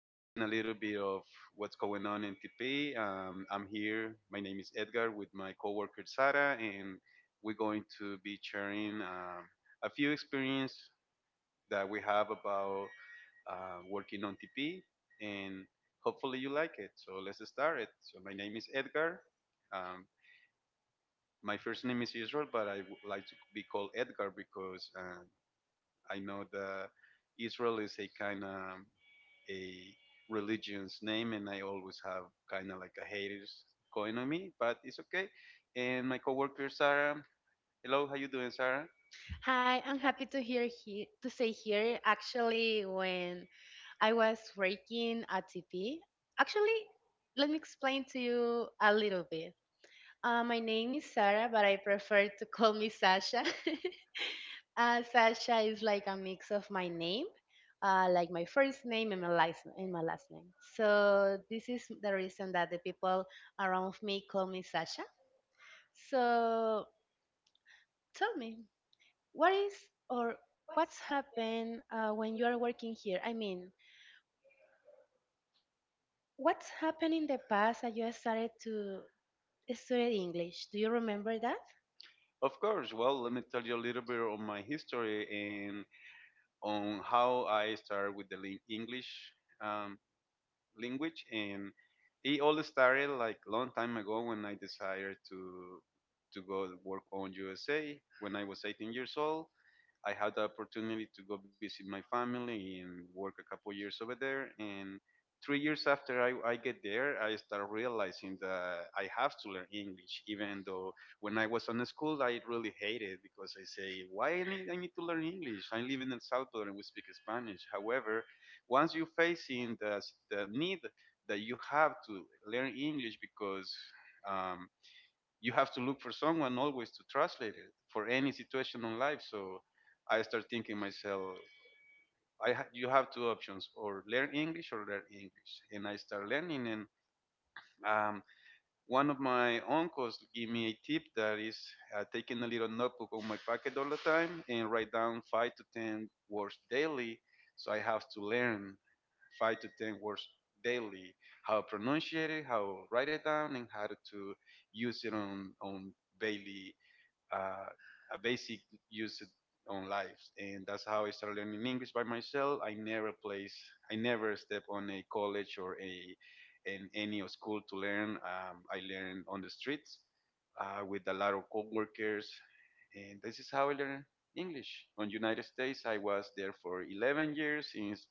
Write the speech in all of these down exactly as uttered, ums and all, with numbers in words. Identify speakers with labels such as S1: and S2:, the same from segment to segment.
S1: listen a little bit of what's going on in T P. Um, I'm here. My name is Edgar with my coworker Sara, and we're going to be sharing um, a few experience that we have about uh, working on T P, and hopefully you like it. So let's start it. So my name is Edgar. Um, my first name is Israel, but I would like to be called Edgar because uh, I know that Israel is a kind of a religion's name, and I always have kind of like a haters going on me, but it's okay. And my coworker Sarah, hello, how you doing, Sarah?
S2: Hi, I'm happy to hear he to say here. Actually, when I was working at T P, actually, let me explain to you a little bit. Uh, my name is Sarah, but I prefer to call me Sasha. uh, Sasha is like a mix of my name, uh, like my first name and my last and my last name. So this is the reason that the people around me call me Sasha. So tell me what is or what's happened uh, when you are working here? I mean, what's happened in the past that you started to study English? Do you remember that?
S1: Of course. Well, let me tell you a little bit on my history and on how I started with the lin- English um, language, and it all started like a long time ago when I decided to to go work on U S A when I was eighteen years old. I had the opportunity to go visit my family and work a couple years over there. And three years after I, I get there, I start realizing that I have to learn English, even though when I was on school, I really hated because I say, why I need, I need to learn English? I live in El Salvador and we speak Spanish. However, once you facing the, the need that you have to learn English because um, you have to look for someone always to translate it for any situation in life. So I start thinking myself, I ha- you have two options: or learn English or learn English. And I start learning. And um, one of my uncles gave me a tip that is uh, taking a little notebook on my pocket all the time and write down five to ten words daily. So I have to learn five to ten words daily, how to pronunciate it, how to write it down, and how to use it on on daily uh, a basic use on lives, and that's how I started learning English by myself. I never place, I never step on a college or a in any school to learn. Um, I learned on the streets uh, with a lot of coworkers, and this is how I learned English. On United States, I was there for eleven years since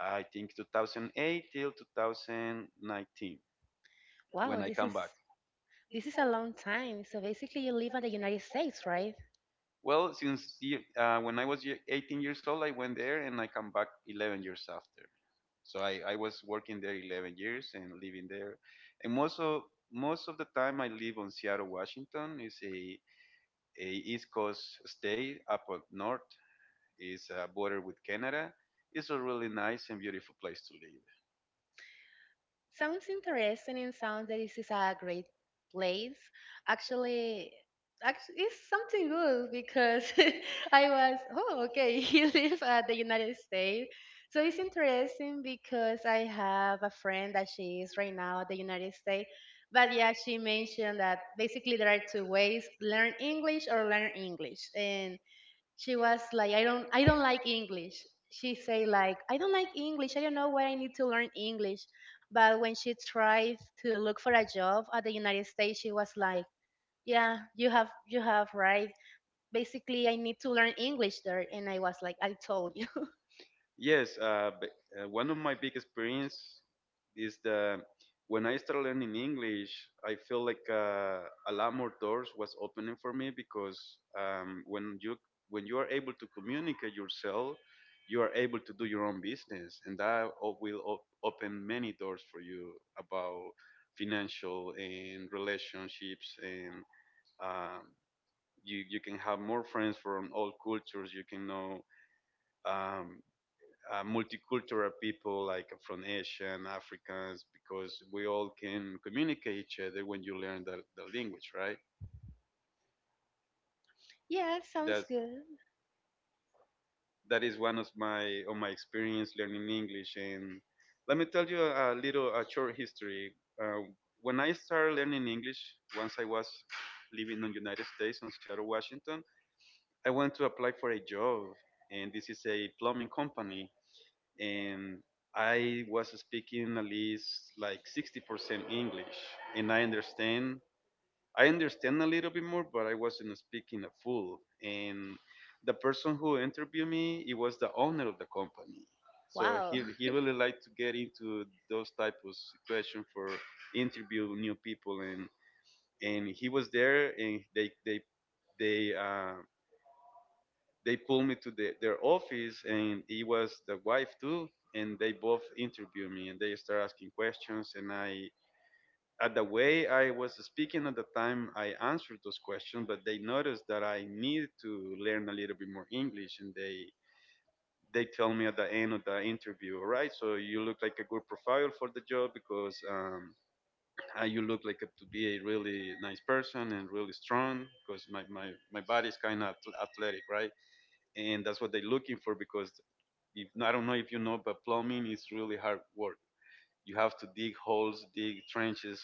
S1: I think two thousand eight till two thousand nineteen
S2: Wow,
S1: when I
S2: this
S1: come back.
S2: is this is a long time. So basically, you live in the United States, right?
S1: Well, since the, uh, when I was ye- eighteen years old, I went there and I come back eleven years after. So I, I was working there eleven years and living there. And most of, most of the time I live on Seattle, Washington. It's a, a East Coast state up up north. It's a border with Canada. It's a really nice and beautiful place to live.
S2: Sounds interesting and sounds that this is a great place. Actually, actually it's something good because I was, oh, okay, he lives at the United States. So it's interesting because I have a friend that she is right now at the United States. But yeah, she mentioned that basically there are two ways, learn English or learn English. She was like, I don't i don't like English. She say like, I don't like English, I don't know why I need to learn English. But when she tried to look for a job at the United States, she was like, yeah, you have you have right, basically I need to learn English there. And I was like, I told you.
S1: Yes, uh, b- uh, one of my big experience is the when I started learning English, I feel like uh, a lot more doors was opening for me because um, when you when you are able to communicate yourself, you are able to do your own business, and that o- will op- open many doors for you about financial and relationships, and um, you you can have more friends from all cultures. You can know. Um, uh, Multicultural people, like uh, from Asian, Africans, because we all can communicate each other when you learn the, the language, right?
S2: Yeah,
S1: That's
S2: sounds good.
S1: that is one of my of my experience learning English. And let me tell you a, a little a short history. Uh, when I started learning English, once I was living in the United States on Seattle, Washington, I went to apply for a job, and this is a plumbing company and I was speaking at least like sixty percent English, and I understand. I understand a little bit more, but I wasn't speaking a full. And the person who interviewed me, it was the owner of the company. So he
S2: Wow.
S1: he really liked to get into those type of situation for interview new people, and and he was there, and they they they uh, they pulled me to the, their office, and it was the wife too, and they both interviewed me, and they started asking questions, and I, at the way I was speaking at the time, I answered those questions, but they noticed that I needed to learn a little bit more English, and they they tell me at the end of the interview. All right, so you look like a good profile for the job because um, uh, you look like a, to be a really nice person and really strong because my, my, my body is kind of athletic, right, and that's what they're looking for, because if no, I don't know if you know, but plumbing is really hard work. You have to dig holes, dig trenches,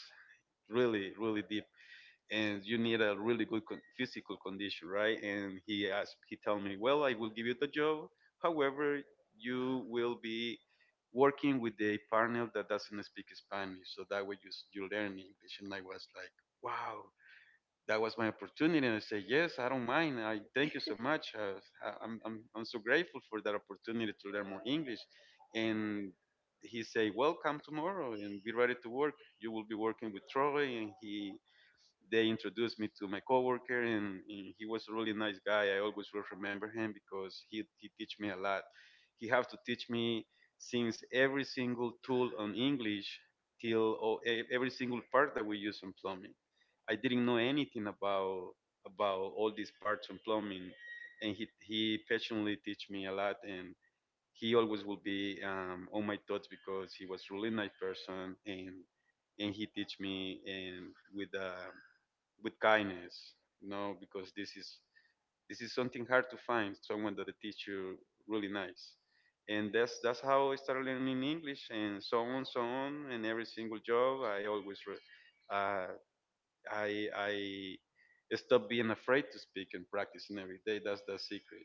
S1: really, really deep, and you need a really good con- physical condition, right? And he asked, he told me, well, I will give you the job. However, you will be working with a panel that doesn't speak Spanish, so that way you s- you learn English. And I was like, wow, that was my opportunity. And I said, yes, I don't mind. I thank you so much. uh, I- I'm, I'm, I'm so grateful for that opportunity to learn more English. And he said, well, come tomorrow and be ready to work. You will be working with Troy. And he they introduced me to my coworker, and, and he was a really nice guy. I always will remember him because he he teach me a lot. He have to teach me since every single tool on English till o- e- every single part that we use on plumbing. I didn't know anything about about all these parts on plumbing, and he he patiently teach me a lot and. He always will be um, on my thoughts because he was really nice person, and and he teach me, and with a with kindness, you know, because this is this is something hard to find someone that teach you really nice. And that's that's how I started learning English, and so on, so on. And every single job, I always re- uh, I I stop being afraid to speak and practicing every day. That's the secret.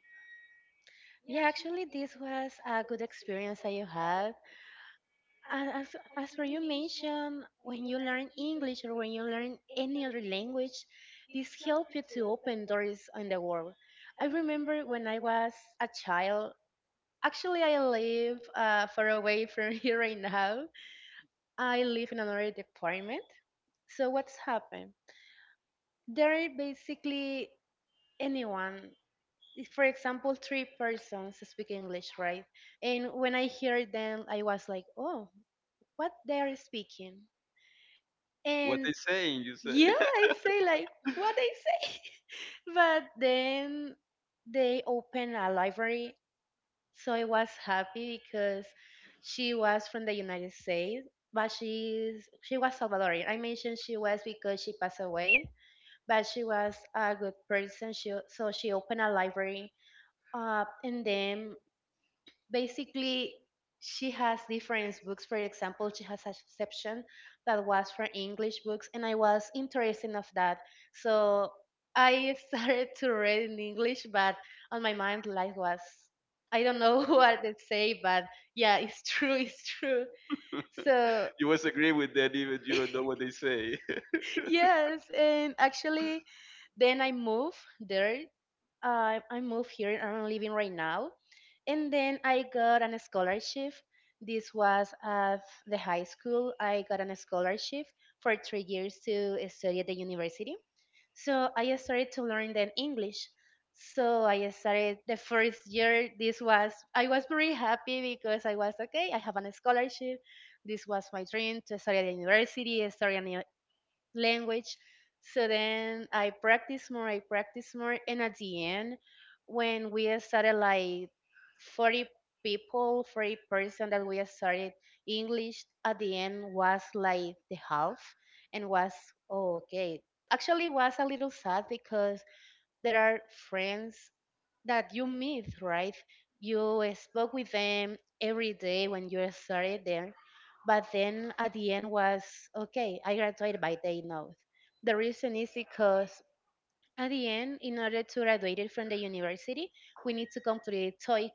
S2: Yeah, actually this was a good experience that you had. And as, as for you mentioned, when you learn English or when you learn any other language, this helps you to open doors in the world. I remember when I was a child. Actually, I live uh, far away from here right now. I live in another department. So what's happened? There are basically anyone. If, For example, three persons speak English, right? And when I heard them, I was like, "Oh, what they are speaking?"
S1: What
S2: And
S1: they saying, you say.
S2: yeah, I say like what I say. But then they opened a library, so I was happy because she was from the United States, but she's she was Salvadorian. I mentioned she was because she passed away, but she was a good person. She so she opened a library, uh, and then basically she has different books. For example, she has a section that was for English books, and I was interested of that. So I started to read in English, but on my mind like was, I don't know what they say. But yeah, it's true, it's true. So
S1: You always agree with that, even you don't know what they say.
S2: yes, and actually then i moved there I I moved here and I'm living right now. And then I got an scholarship. This was at the high school. I got an scholarship for three years to study at the university. So I started to learn then English. So I started the first year. This was I was very happy because I was okay, I have an scholarship. This was my dream to study at the university, study an language. So then I practice more, I practice more, and at the end, when we started like forty people, forty person that we started English, at the end was like the half, and was oh, okay. Actually, was a little sad because there are friends that you meet, right? You spoke with them every day when you started there, but then at the end was okay. I graduated by day note. The reason is because at the end, in order to graduate from the university, we need to complete TOEIC.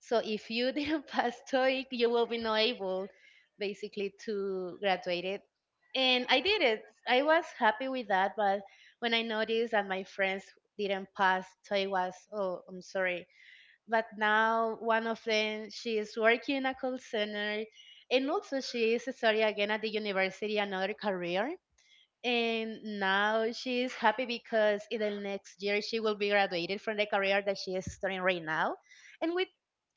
S2: So if you didn't pass TOEIC, you will be not able basically to graduate it. And I did it. I was happy with that, but when I noticed that my friends didn't pass TOEIC was, oh, I'm sorry. But now one of them, she is working in a call center, and also she is studying again at the university another career, and now she's happy because in the next year she will be graduated from the career that she is studying right now. And we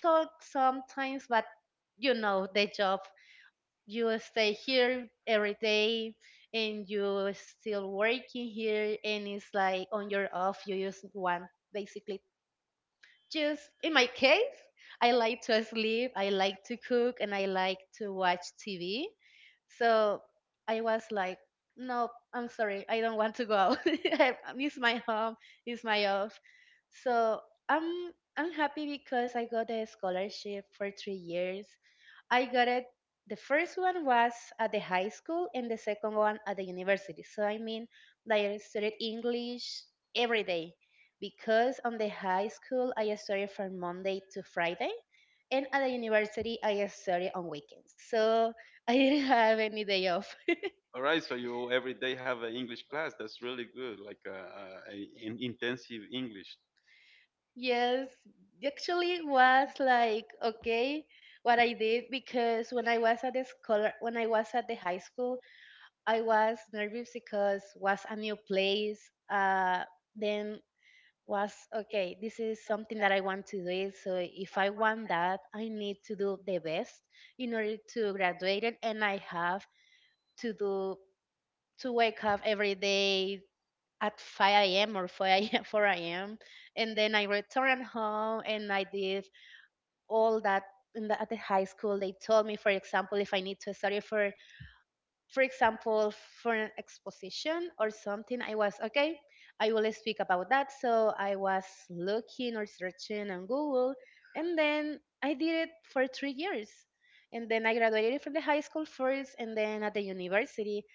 S2: talk sometimes, but you know, the job, you stay here every day and you still working here, and it's like on your off you just want basically, just in my case, I like to sleep, I like to cook, and I like to watch T V. So I was like, no, I'm sorry, I don't want to go out. I- it's my home, it's my off. So I'm I'm happy because I got a scholarship for three years, I got it. The first one was at the high school and the second one at the university. So I mean, like, I studied English every day, because on the high school I studied from Monday to Friday, and at the university I studied on weekends. So I didn't have any day off.
S1: All right, so you every day have an English class. That's really good, like uh uh, a, an intensive English.
S2: Yes, actually was like, okay, what I did, because when I was at the scholar, when I was at the high school I was nervous because was a new place. Uh, then was okay, this is something that I want to do. So if I want that, I need to do the best in order to graduate it. And I have to do to wake up every day at five a m or four a m four a m. And then I returned home and I did all that in the, at the high school. They told me, for example, if I need to study for for example, for an exposition or something, I was okay, I will speak about that. So I was looking or searching on Google, and then I did it for three years. And then I graduated from the high school first, and then at the university.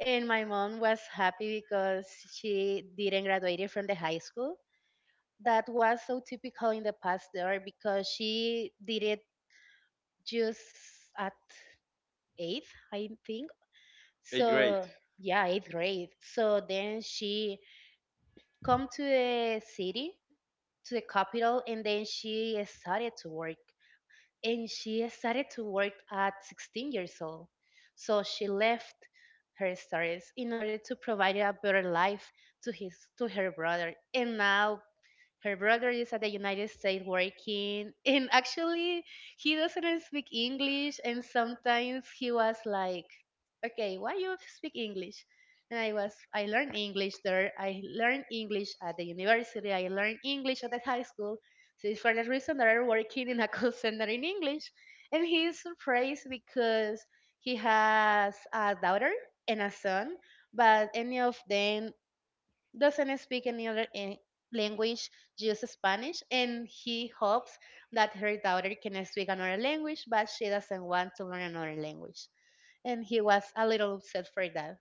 S2: And my mom was happy because she didn't graduate from the high school. That was so typical in the past there, because she did it just at eighth, I think.
S1: Hey, great.
S2: So yeah, it's great. So then she come to the city, to the capital, and then she started to work. And she started to work at sixteen years old. So she left her studies in order to provide a better life to his to her brother. And now her brother is at the United States working, and actually he doesn't speak English. And sometimes he was like, "Okay, why you speak English?" And I was, I learned English there, I learned English at the university, I learned English at the high school. So it's for that reason that I'm working in a call center in English. And he is surprised because he has a daughter and a son, but any of them doesn't speak any other en- language, just Spanish, and he hopes that her daughter can speak another language, but she doesn't want to learn another language. And he was a little upset for that.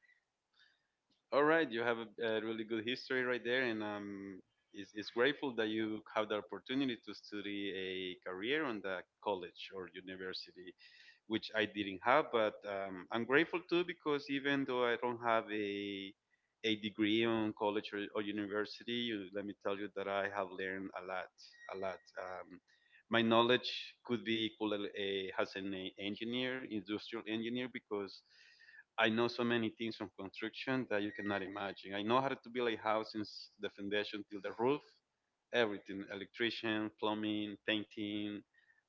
S1: All right, you have a, a really good history right there, and um, it's, it's grateful that you have the opportunity to study a career on the college or university, which I didn't have, but um, I'm grateful too because even though I don't have a a degree on college or, or university, you, let me tell you that I have learned a lot, a lot. Um, my knowledge could be equal a, as an e- engineer, industrial engineer, because I know so many things from construction that you cannot imagine. I know how to build a house since the foundation till the roof, everything, electrician, plumbing, painting.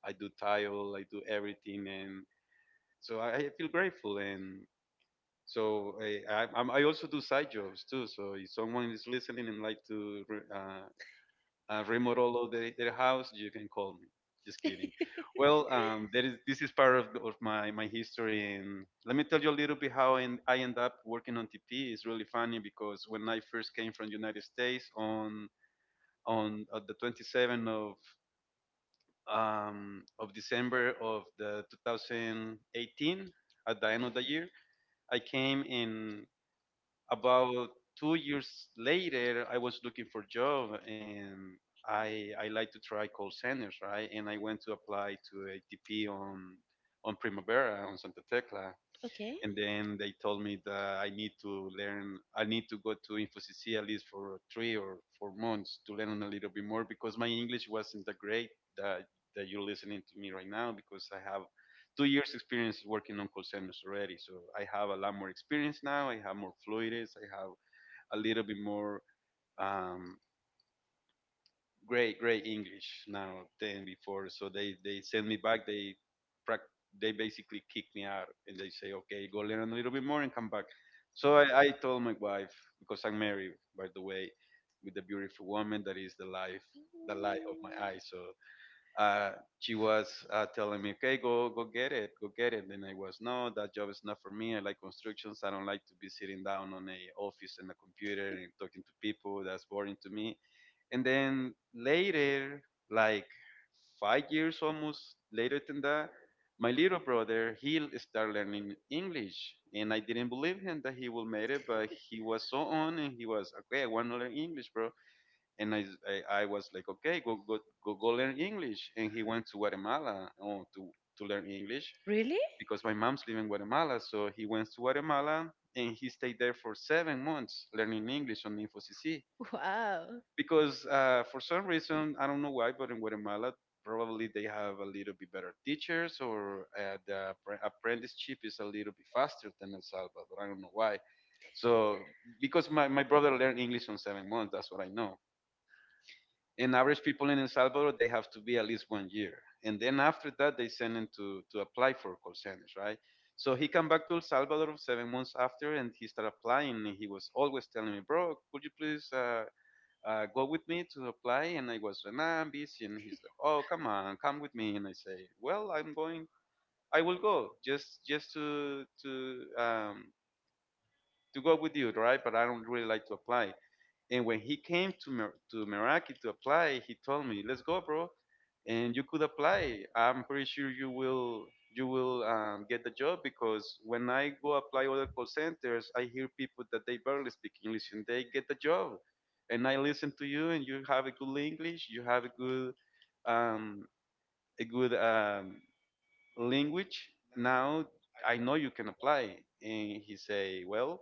S1: I do tile, I do everything, and so I, I feel grateful, and so I, I I'm- I also do side jobs too. So if someone is listening and like to re, uh, uh, remodel all their, their house, you can call me. Just kidding. Well, um, there is this is part of, of my my history, and let me tell you a little bit how I, en- I end up working on T P. It's really funny because when I first came from United States on on uh, the twenty-seventh of um, of December of the two thousand eighteen, at the end of the year, I came in about two years later. I was looking for job, and I I like to try call centers, right? And I went to apply to A T P on on Primavera on Santa Tecla,
S2: Okay.
S1: and then they told me that I need to learn, I need to go to InfoCC at least for three or four months to learn a little bit more because my English wasn't that great, that, that you're listening to me right now, because I have two years experience working on call centers already. So I have a lot more experience now. I have more fluidness. I have a little bit more um, great great English now than before. So they they send me back. They prac- they basically kick me out and they say, okay, go learn a little bit more and come back. So I, I told my wife, because I'm married, by the way, with a beautiful woman that is the life the light of my
S2: Mm,
S1: eyes. So uh, she was uh, telling me, okay, go go get it, go get it. And I was, no, that job is not for me. I like constructions. I don't like to be sitting down on a office and a computer and talking to people. That's boring to me, and then later, like five years almost later than that, my little brother he l- started learning English, and I didn't believe him that he will make it, but he was so on, and he was okay. I want to learn English, bro. And I, s- I, I was like, okay, go go go go learn English. And he went to Guatemala, oh, to to learn English
S2: really?
S1: because my mom's living in Guatemala, so he went to Guatemala and he stayed there for seven months learning English on InfoCC
S2: Wow.
S1: because uh, for some reason I don't know why, but in Guatemala probably they have a little bit better teachers, or uh, the appre- apprenticeship is a little bit faster than El Salvador. I don't know why. So because my, my brother learned English on seven months, that's what I know. And average people in El Salvador, they have to be at least one year, and then after that they send him to to apply for call centers, right? So he come back to El Salvador seven months after, and he started applying. And he was always telling me, "Bro, could you please uh, uh, go with me to apply." And I was, and I'm busy. And he's like, oh, come on, come with me. And I say, well, I'm going, I will go just, just to, to, um, to go with you, right? But I don't really like to apply. And when he came to Mer- to Meraki to apply, he told me, "Let's go, bro, and you could apply. I'm pretty sure you will you will um, get the job, because when I go apply other call centers, I hear people that they barely speak English and they get the job. And I listen to you, and you have a good English, you have a good um, a good um, language. Now I know you can apply." And he say, "Well,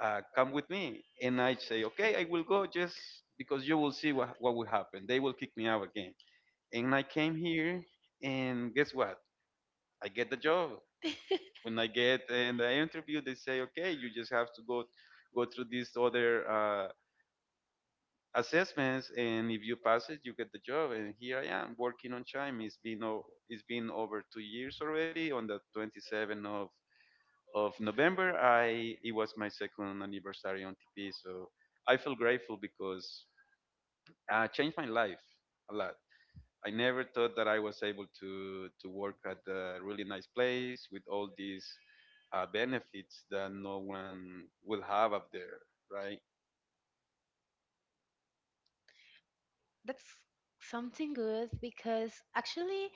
S1: uh, come with me." And I say, okay, I will go just because you will see what, what will happen. They will kick me out again. And I came here, and guess what? I get the job. When I get in the interview, they say, okay, you just have to go go through these other uh, assessments, and if you pass it, you get the job. And here I am working on Chime. It's been o- it's been over two years already. On the twenty-seventh of of November, I it was my second anniversary on T P, so I feel grateful because I changed my life a lot. I never thought that I was able to to work at a really nice place with all these uh, benefits that no one will have up there, right?
S2: That's something good because actually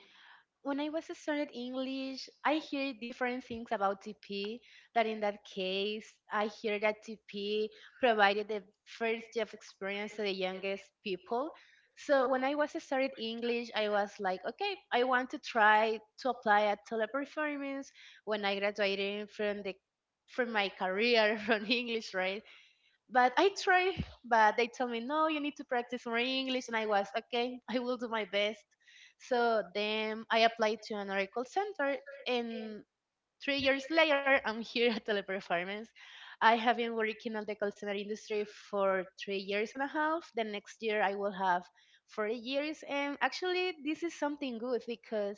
S2: when I was studying English, I hear different things about T P. That in that case, I hear that T P provided the first job experience to the youngest people. So when I was studying English, I was like, okay, I want to try to apply at Teleperformance when I graduated from the from my career from English, right? But I try, but they told me, no, you need to practice more English. And I was, okay, I will do my best. So then I applied to another call center. And three years later, I'm here at Teleperformance. I have been working on the call center industry for three years and a half. The next year, I will have four years. And actually, this is something good because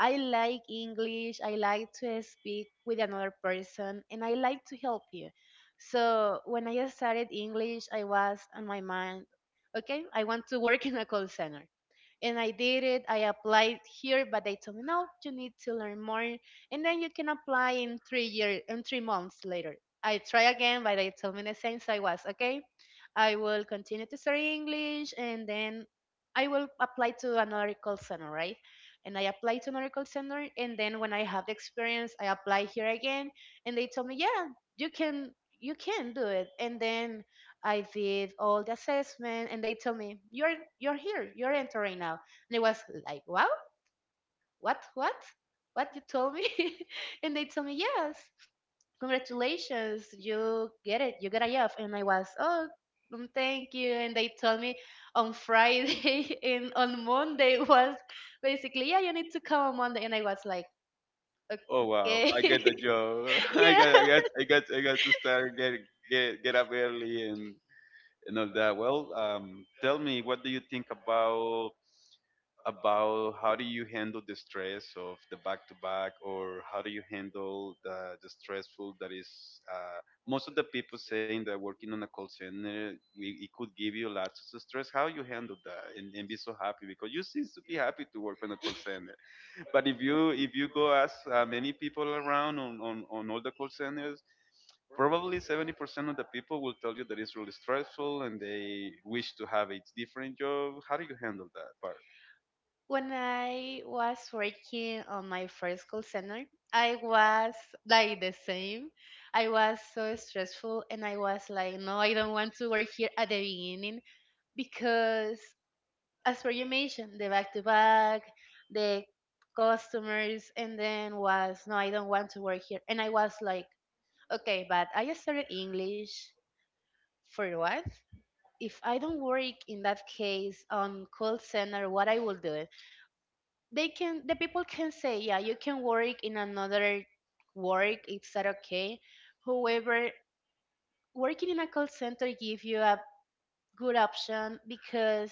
S2: I like English. I like to speak with another person and I like to help you. So when I started English, I was on my mind, okay, I want to work in a call center, and I did it. I applied here, but they told me no, you need to learn more, and then you can apply in three year in three months later. I try again, but they told me the same, so I was okay. I will continue to study English, and then I will apply to another call center, right? And I apply to another call center, and then when I have the experience, I apply here again, and they told me, yeah, you can you can do it. And then I did all the assessment, and they told me, you're you're here, you're entering now. And it was like, wow, what what what you told me and they told me, yes, congratulations, you get it, you get a job. And I was, oh, mm, thank you. And they told me on Friday and on Monday was basically, yeah, you need to come on Monday. And I was like,
S1: Oh, wow!
S2: okay.
S1: I get the job. I
S2: Yeah.
S1: got, I got, I got, I got to start get get get up early and and all that. Well, um, tell me, what do you think about about how do you handle the stress of the back to back, or how do you handle the, the stressful that is uh, most of the people saying that working on a call center we, it could give you lots of stress? How you handle that and, and be so happy because you seem to be happy to work on a call center? But if you if you go ask uh, many people around on, on, on all the call centers, probably seventy percent of the people will tell you that it's really stressful and they wish to have a different job. How do you handle that part?
S2: When I was working on my first call center, I was like the same. I was so stressful and I was like, no, I don't want to work here at the beginning because, as for you mentioned, the back to back, the customers, and then was, no, I don't want to work here. And I was like, okay, but I just started English for what? If I don't work in that case on call center, what I will do? They can the people can say, yeah, you can work in another work. It's that, okay. However, working in a call center give you a good option because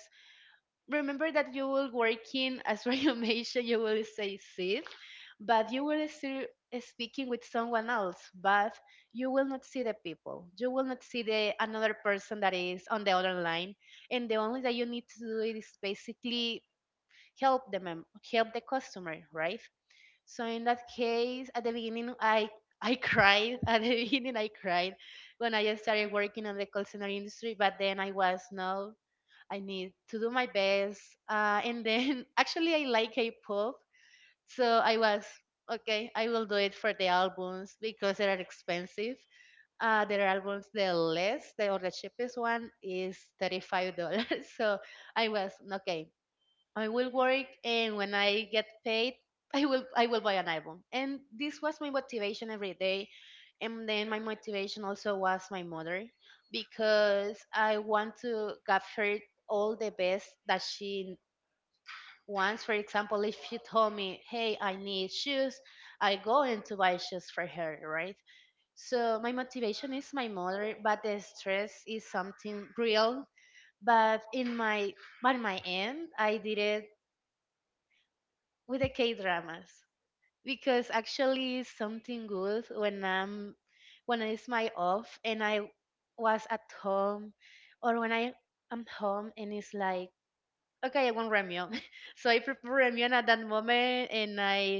S2: remember that you will working as you mentioned, you will say sit, but you will still speaking with someone else, but you will not see the people, you will not see the another person that is on the other line. And the only that you need to do is basically help them, help the customer, right? So in that case, at the beginning, I I cried. At the beginning, I cried when I started working on the call center industry. But then I was, no, I need to do my best. Uh, and then actually, I like K-pop, so I was, okay, I will do it for the albums because they are expensive. Uh, their albums, the less the or the cheapest one is thirty-five dollars. So I was, okay, I will work, and when I get paid, I will I will buy an album. And this was my motivation every day. And then my motivation also was my mother because I want to give her all the best that she wants. For example, if she told me, "Hey, I need shoes," I go and to buy shoes for her, right? So my motivation is my mother, but the stress is something real. But in my by my end, I did it with the K dramas because actually it's something good when I'm when it's my off and I was at home or when I am home. And it's like, okay, I want Ramyun. So I prepare Ramyun at that moment and I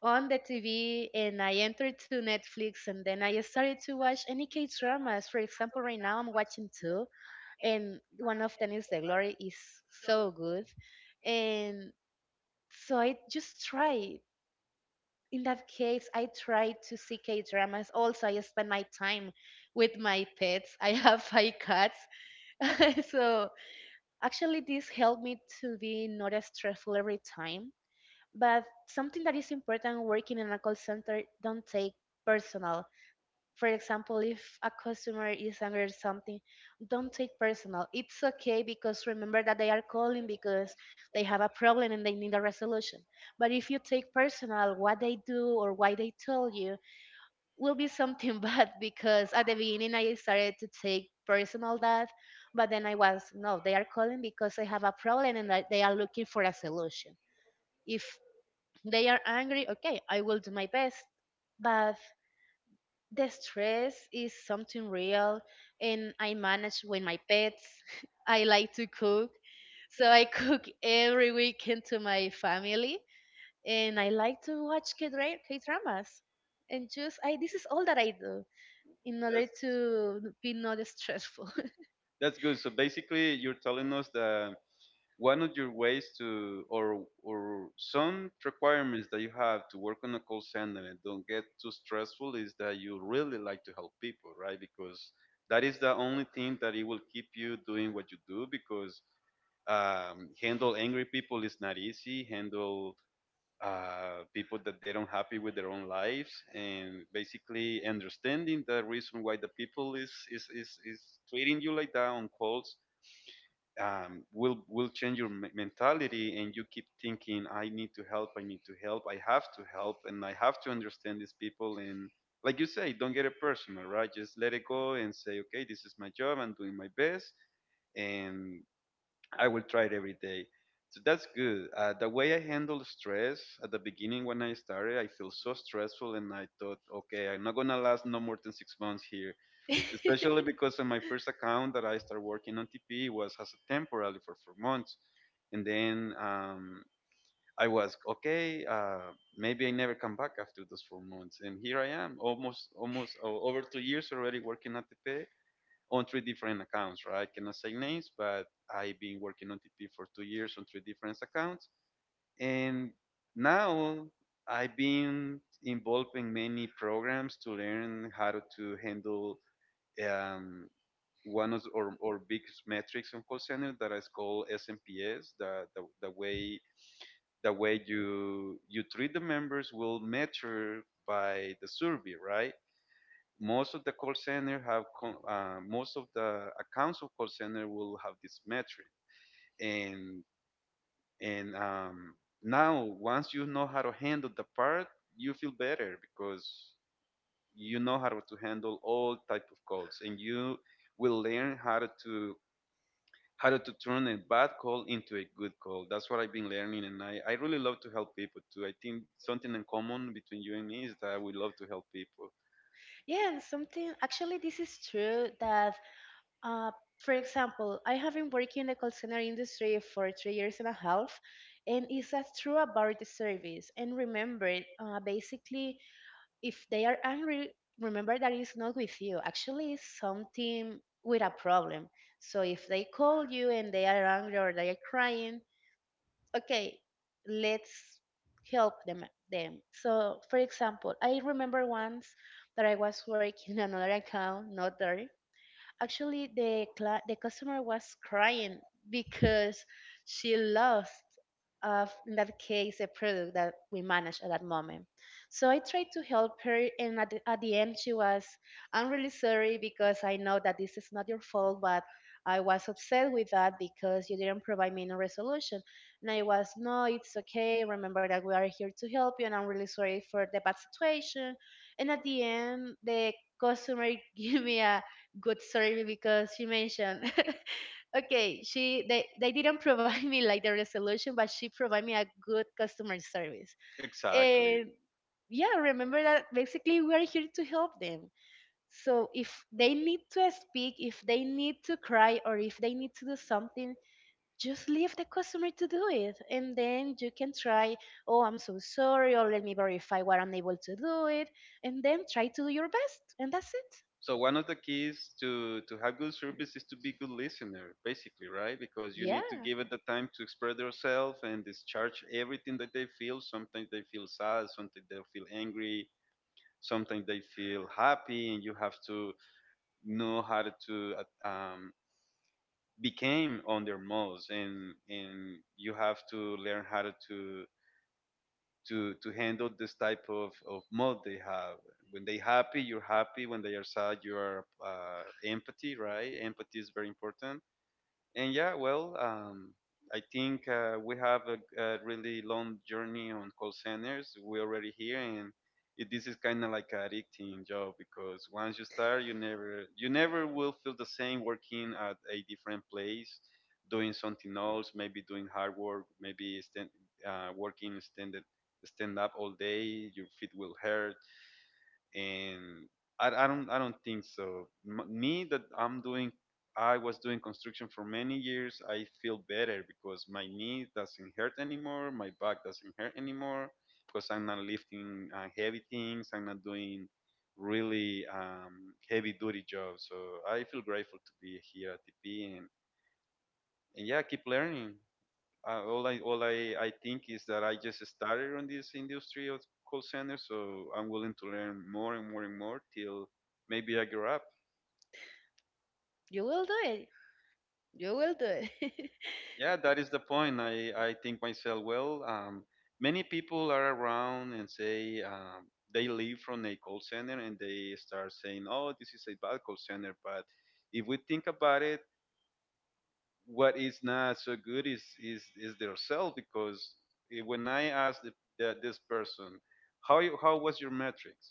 S2: on the T V and I entered to Netflix. And then I started to watch any K dramas. For example, right now I'm watching two and one of them is The Glory is so good. And so I just tried in that case, I try to see K dramas. Also, I spend my time with my pets. I have five cats. So, actually, this helped me to be not as stressful every time. But something that is important working in a call center, don't take personal. For example, if a customer is angry or something, don't take personal. It's okay because remember that they are calling because they have a problem and they need a resolution. But if you take personal what they do or why they told you, will be something bad because at the beginning I started to take personal that. But then I was, no, they are calling because they have a problem and that they are looking for a solution. If they are angry, okay, I will do my best. But the stress is something real, and I manage with my pets. I like to cook, so I cook every weekend to my family, and I like to watch K dramas, and just I this is all that I do in order
S1: That's
S2: to be not stressful.
S1: that's good. So basically, you're telling us that one of your ways to, or or some requirements that you have to work on a call center and don't get too stressful is that you really like to help people, right? Because that is the only thing that it will keep you doing what you do. Because um, handle angry people is not easy. Handle uh, people that they don't happy with their own lives, and basically understanding the reason why the people is is is, is treating you like that on calls, um, will will change your me- mentality, and you keep thinking, I need to help, I need to help, I have to help, and I have to understand these people, and like you say, don't get it personal, right? Just let it go and say, okay, this is my job, I'm doing my best, and I will try it every day. So that's good. Uh, the way I handle stress at the beginning when I started, I feel so stressful, and I thought, okay, I'm not gonna last no more than six months here. Especially because on my first account that I started working on T P was as a temporary for four months, and then um, I was okay. Uh, maybe I never come back after those four months, and here I am, almost almost uh, over two years already working at T P, on three different accounts, right? Cannot say names, but I've been working on T P for two years on three different accounts. And now I've been involved in many programs to learn how to handle um, one of our, our biggest metrics on call center that is called S M P S. The, the, the way the way you you treat the members will measure by the survey, right? Most of the call center have con- uh, most of the accounts of call center will have this metric, and and um, now once you know how to handle the part, you feel better because you know how to handle all type of calls, and you will learn how to how to turn a bad call into a good call. That's what I've been learning, and i, I really love to help people too. I think something in common between you and me is that we love to help people
S2: Yeah. And something, actually, this is true that Uh, for example, I have been working in the call center industry for three years and a half, and it's as true about the service. And remember, uh, basically, if they are angry, remember that it's not with you. Actually, it's something with a problem. So if they call you and they are angry or they are crying, okay, let's help them. Them. So, for example, I remember once that I was working on another account, not there. Actually, the cla the customer was crying because she lost, uh, in that case, a product that we managed at that moment. So I tried to help her, and at the, at the end, she was, "I'm really sorry because I know that this is not your fault, but I was upset with that because you didn't provide me no resolution." And I was, "No, it's okay. Remember that we are here to help you, and I'm really sorry for the bad situation." And at the end, the customer gave me a good survey because she mentioned, okay, she they, they didn't provide me like the resolution, but she provided me a good customer service.
S1: exactly.
S2: And, yeah, remember that basically we are here to help them. So if they need to speak, if they need to cry, or if they need to do something, just leave the customer to do it. And then you can try, oh, I'm so sorry, or let me verify what I'm able to do it. And then try to do your best, and that's it.
S1: So one of the keys to to have good service is to be good listener, basically, right? Because you need to
S2: Yeah.
S1: give it the time to express yourself and discharge everything that they feel. Sometimes they feel sad, sometimes they feel angry, sometimes they feel happy, and you have to know how to uh, um, became on their moods, and and you have to learn how to to to handle this type of, of mode they have. When they happy, you're happy. When they are sad, you are uh, empathy, right? Empathy is very important. And yeah, well, um, I think uh, we have a, a really long journey on call centers. We're already here, and it, this is kind of like an addicting job because once you start, you never you never will feel the same working at a different place, doing something else, maybe doing hard work, maybe stand, uh, working standard stand up all day. Your feet will hurt, and I, I don't I don't think so. M- me that I'm doing, I was doing construction for many years. I feel better because my knee doesn't hurt anymore, my back doesn't hurt anymore because I'm not lifting uh, heavy things. I'm not doing really um, heavy duty jobs. So I feel grateful to be here at T P, and, and yeah, keep learning. Uh, all I all I, I think is that I just started on this industry of call center, so I'm willing to learn more and more and more till maybe I grow up.
S2: You will do it. You will do it.
S1: Yeah, that is the point. I, I think myself, well, um, many people are around and say, um, they leave from a call center and they start saying, oh, this is a bad call center. But if we think about it, what is not so good is is is their self, because eh, when I ask the, the, this person how you, how was your metrics,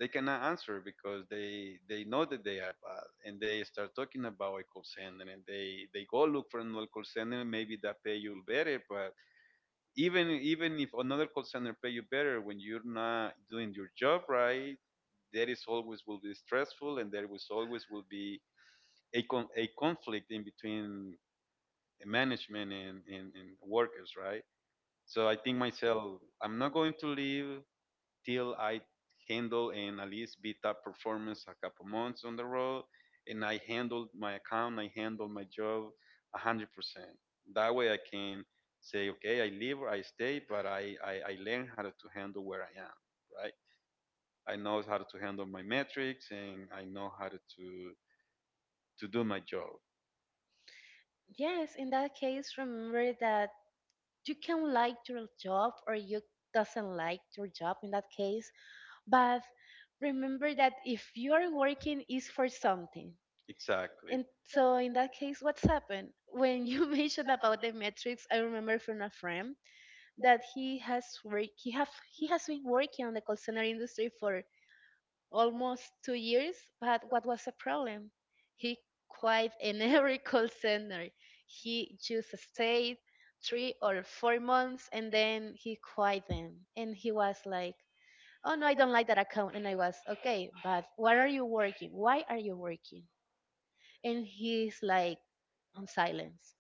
S1: they cannot answer because they they know that they are bad, and they start talking about a call center and they they go look for another call center, and maybe that pay you better. But even even if another call center pay you better, when you're not doing your job right, there is always will be stressful, and there was always will be a, con- a conflict in between management and, and, and workers, right? So I think myself, I'm not going to leave till I handle and at least be top performance a couple months on the road, and I handle my account, I handle my job one hundred percent. That way I can say, okay, I leave I stay. But I, I, I learn how to handle where I am, right? I know how to handle my metrics, and I know how to, to, to do my job.
S2: Yes, in that case, remember that you can like your job or you doesn't like your job in that case, but remember that if you are working is for something.
S1: Exactly.
S2: And so in that case, what's happened? When you mentioned about the metrics, I remember from a friend that he has work he have he has been working on the call center industry for almost two years. But what was the problem? He quit in every call center. He just stayed three or four months and then he quit them. And he was like, oh no, I don't like that account. And I was, okay, but why are you working why are you working? And he's like on silence.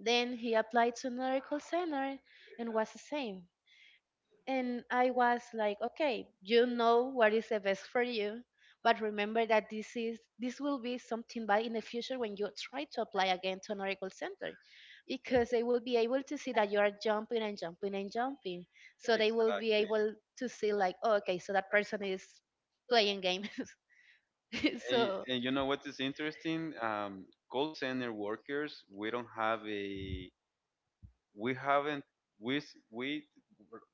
S2: Then he applied to another call center and was the same. And I was like, okay, you know what is the best for you, but remember that this is this will be something bad in the future when you try to apply again to another call center because they will be able to see that you are jumping and jumping and jumping. So they will be
S1: Exactly.
S2: able to see like, oh, okay, so that person is playing game.
S1: And,
S2: So.
S1: and you know what is interesting? Um, call center workers, we don't have a, we haven't, we, s- we,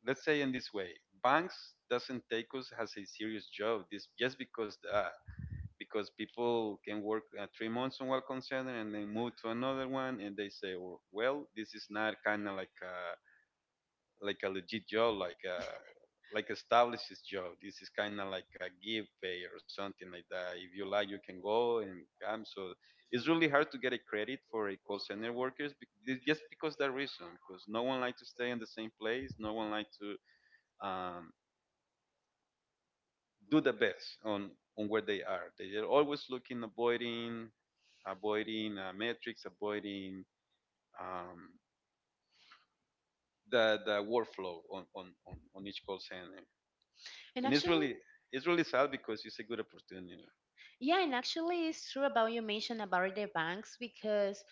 S1: let's say in this way, banks doesn't take us as a serious job. This just because that, because people can work uh, three months on one call center and then move to another one, and they say, well, well, this is not kind of like like a legit job, like a like established job. This is kind of like a give pay or something like that. If you like, you can go and come. So it's really hard to get a credit for a call center workers bec- this- just because that reason. Because no one like to stay in the same place. No one like to um, do the best on on where they are. They are always looking, avoiding, avoiding uh, metrics, avoiding um, the the workflow on on on, on each call center.
S2: And
S1: And it's
S2: actually,
S1: really it's really sad because it's a good opportunity.
S2: yeah, and actually, it's true about you mentioned about the banks because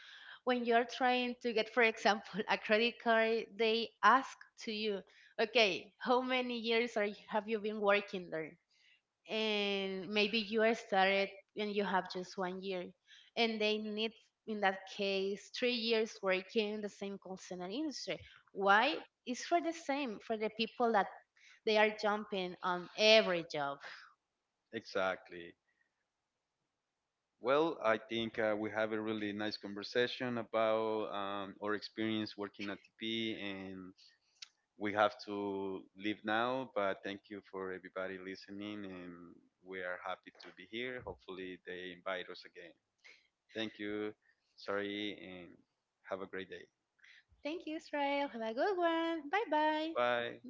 S2: when you're trying to get, for example, a credit card, they ask to you, okay, how many years are you, have you been working there? And maybe you are started and you have just one year, and they need, in that case, three years working in the same call center industry. Why? It's for the same for the people that they are jumping on every job.
S1: Exactly. Well, I think uh, we have a really nice conversation about um, our experience working at TP, and we have to leave now. But thank you for everybody listening, and we are happy to be here. Hopefully they invite us again. Thank you, sorry, and have a great day.
S2: Thank you, Israel. Have a good one. Bye bye.
S1: Bye.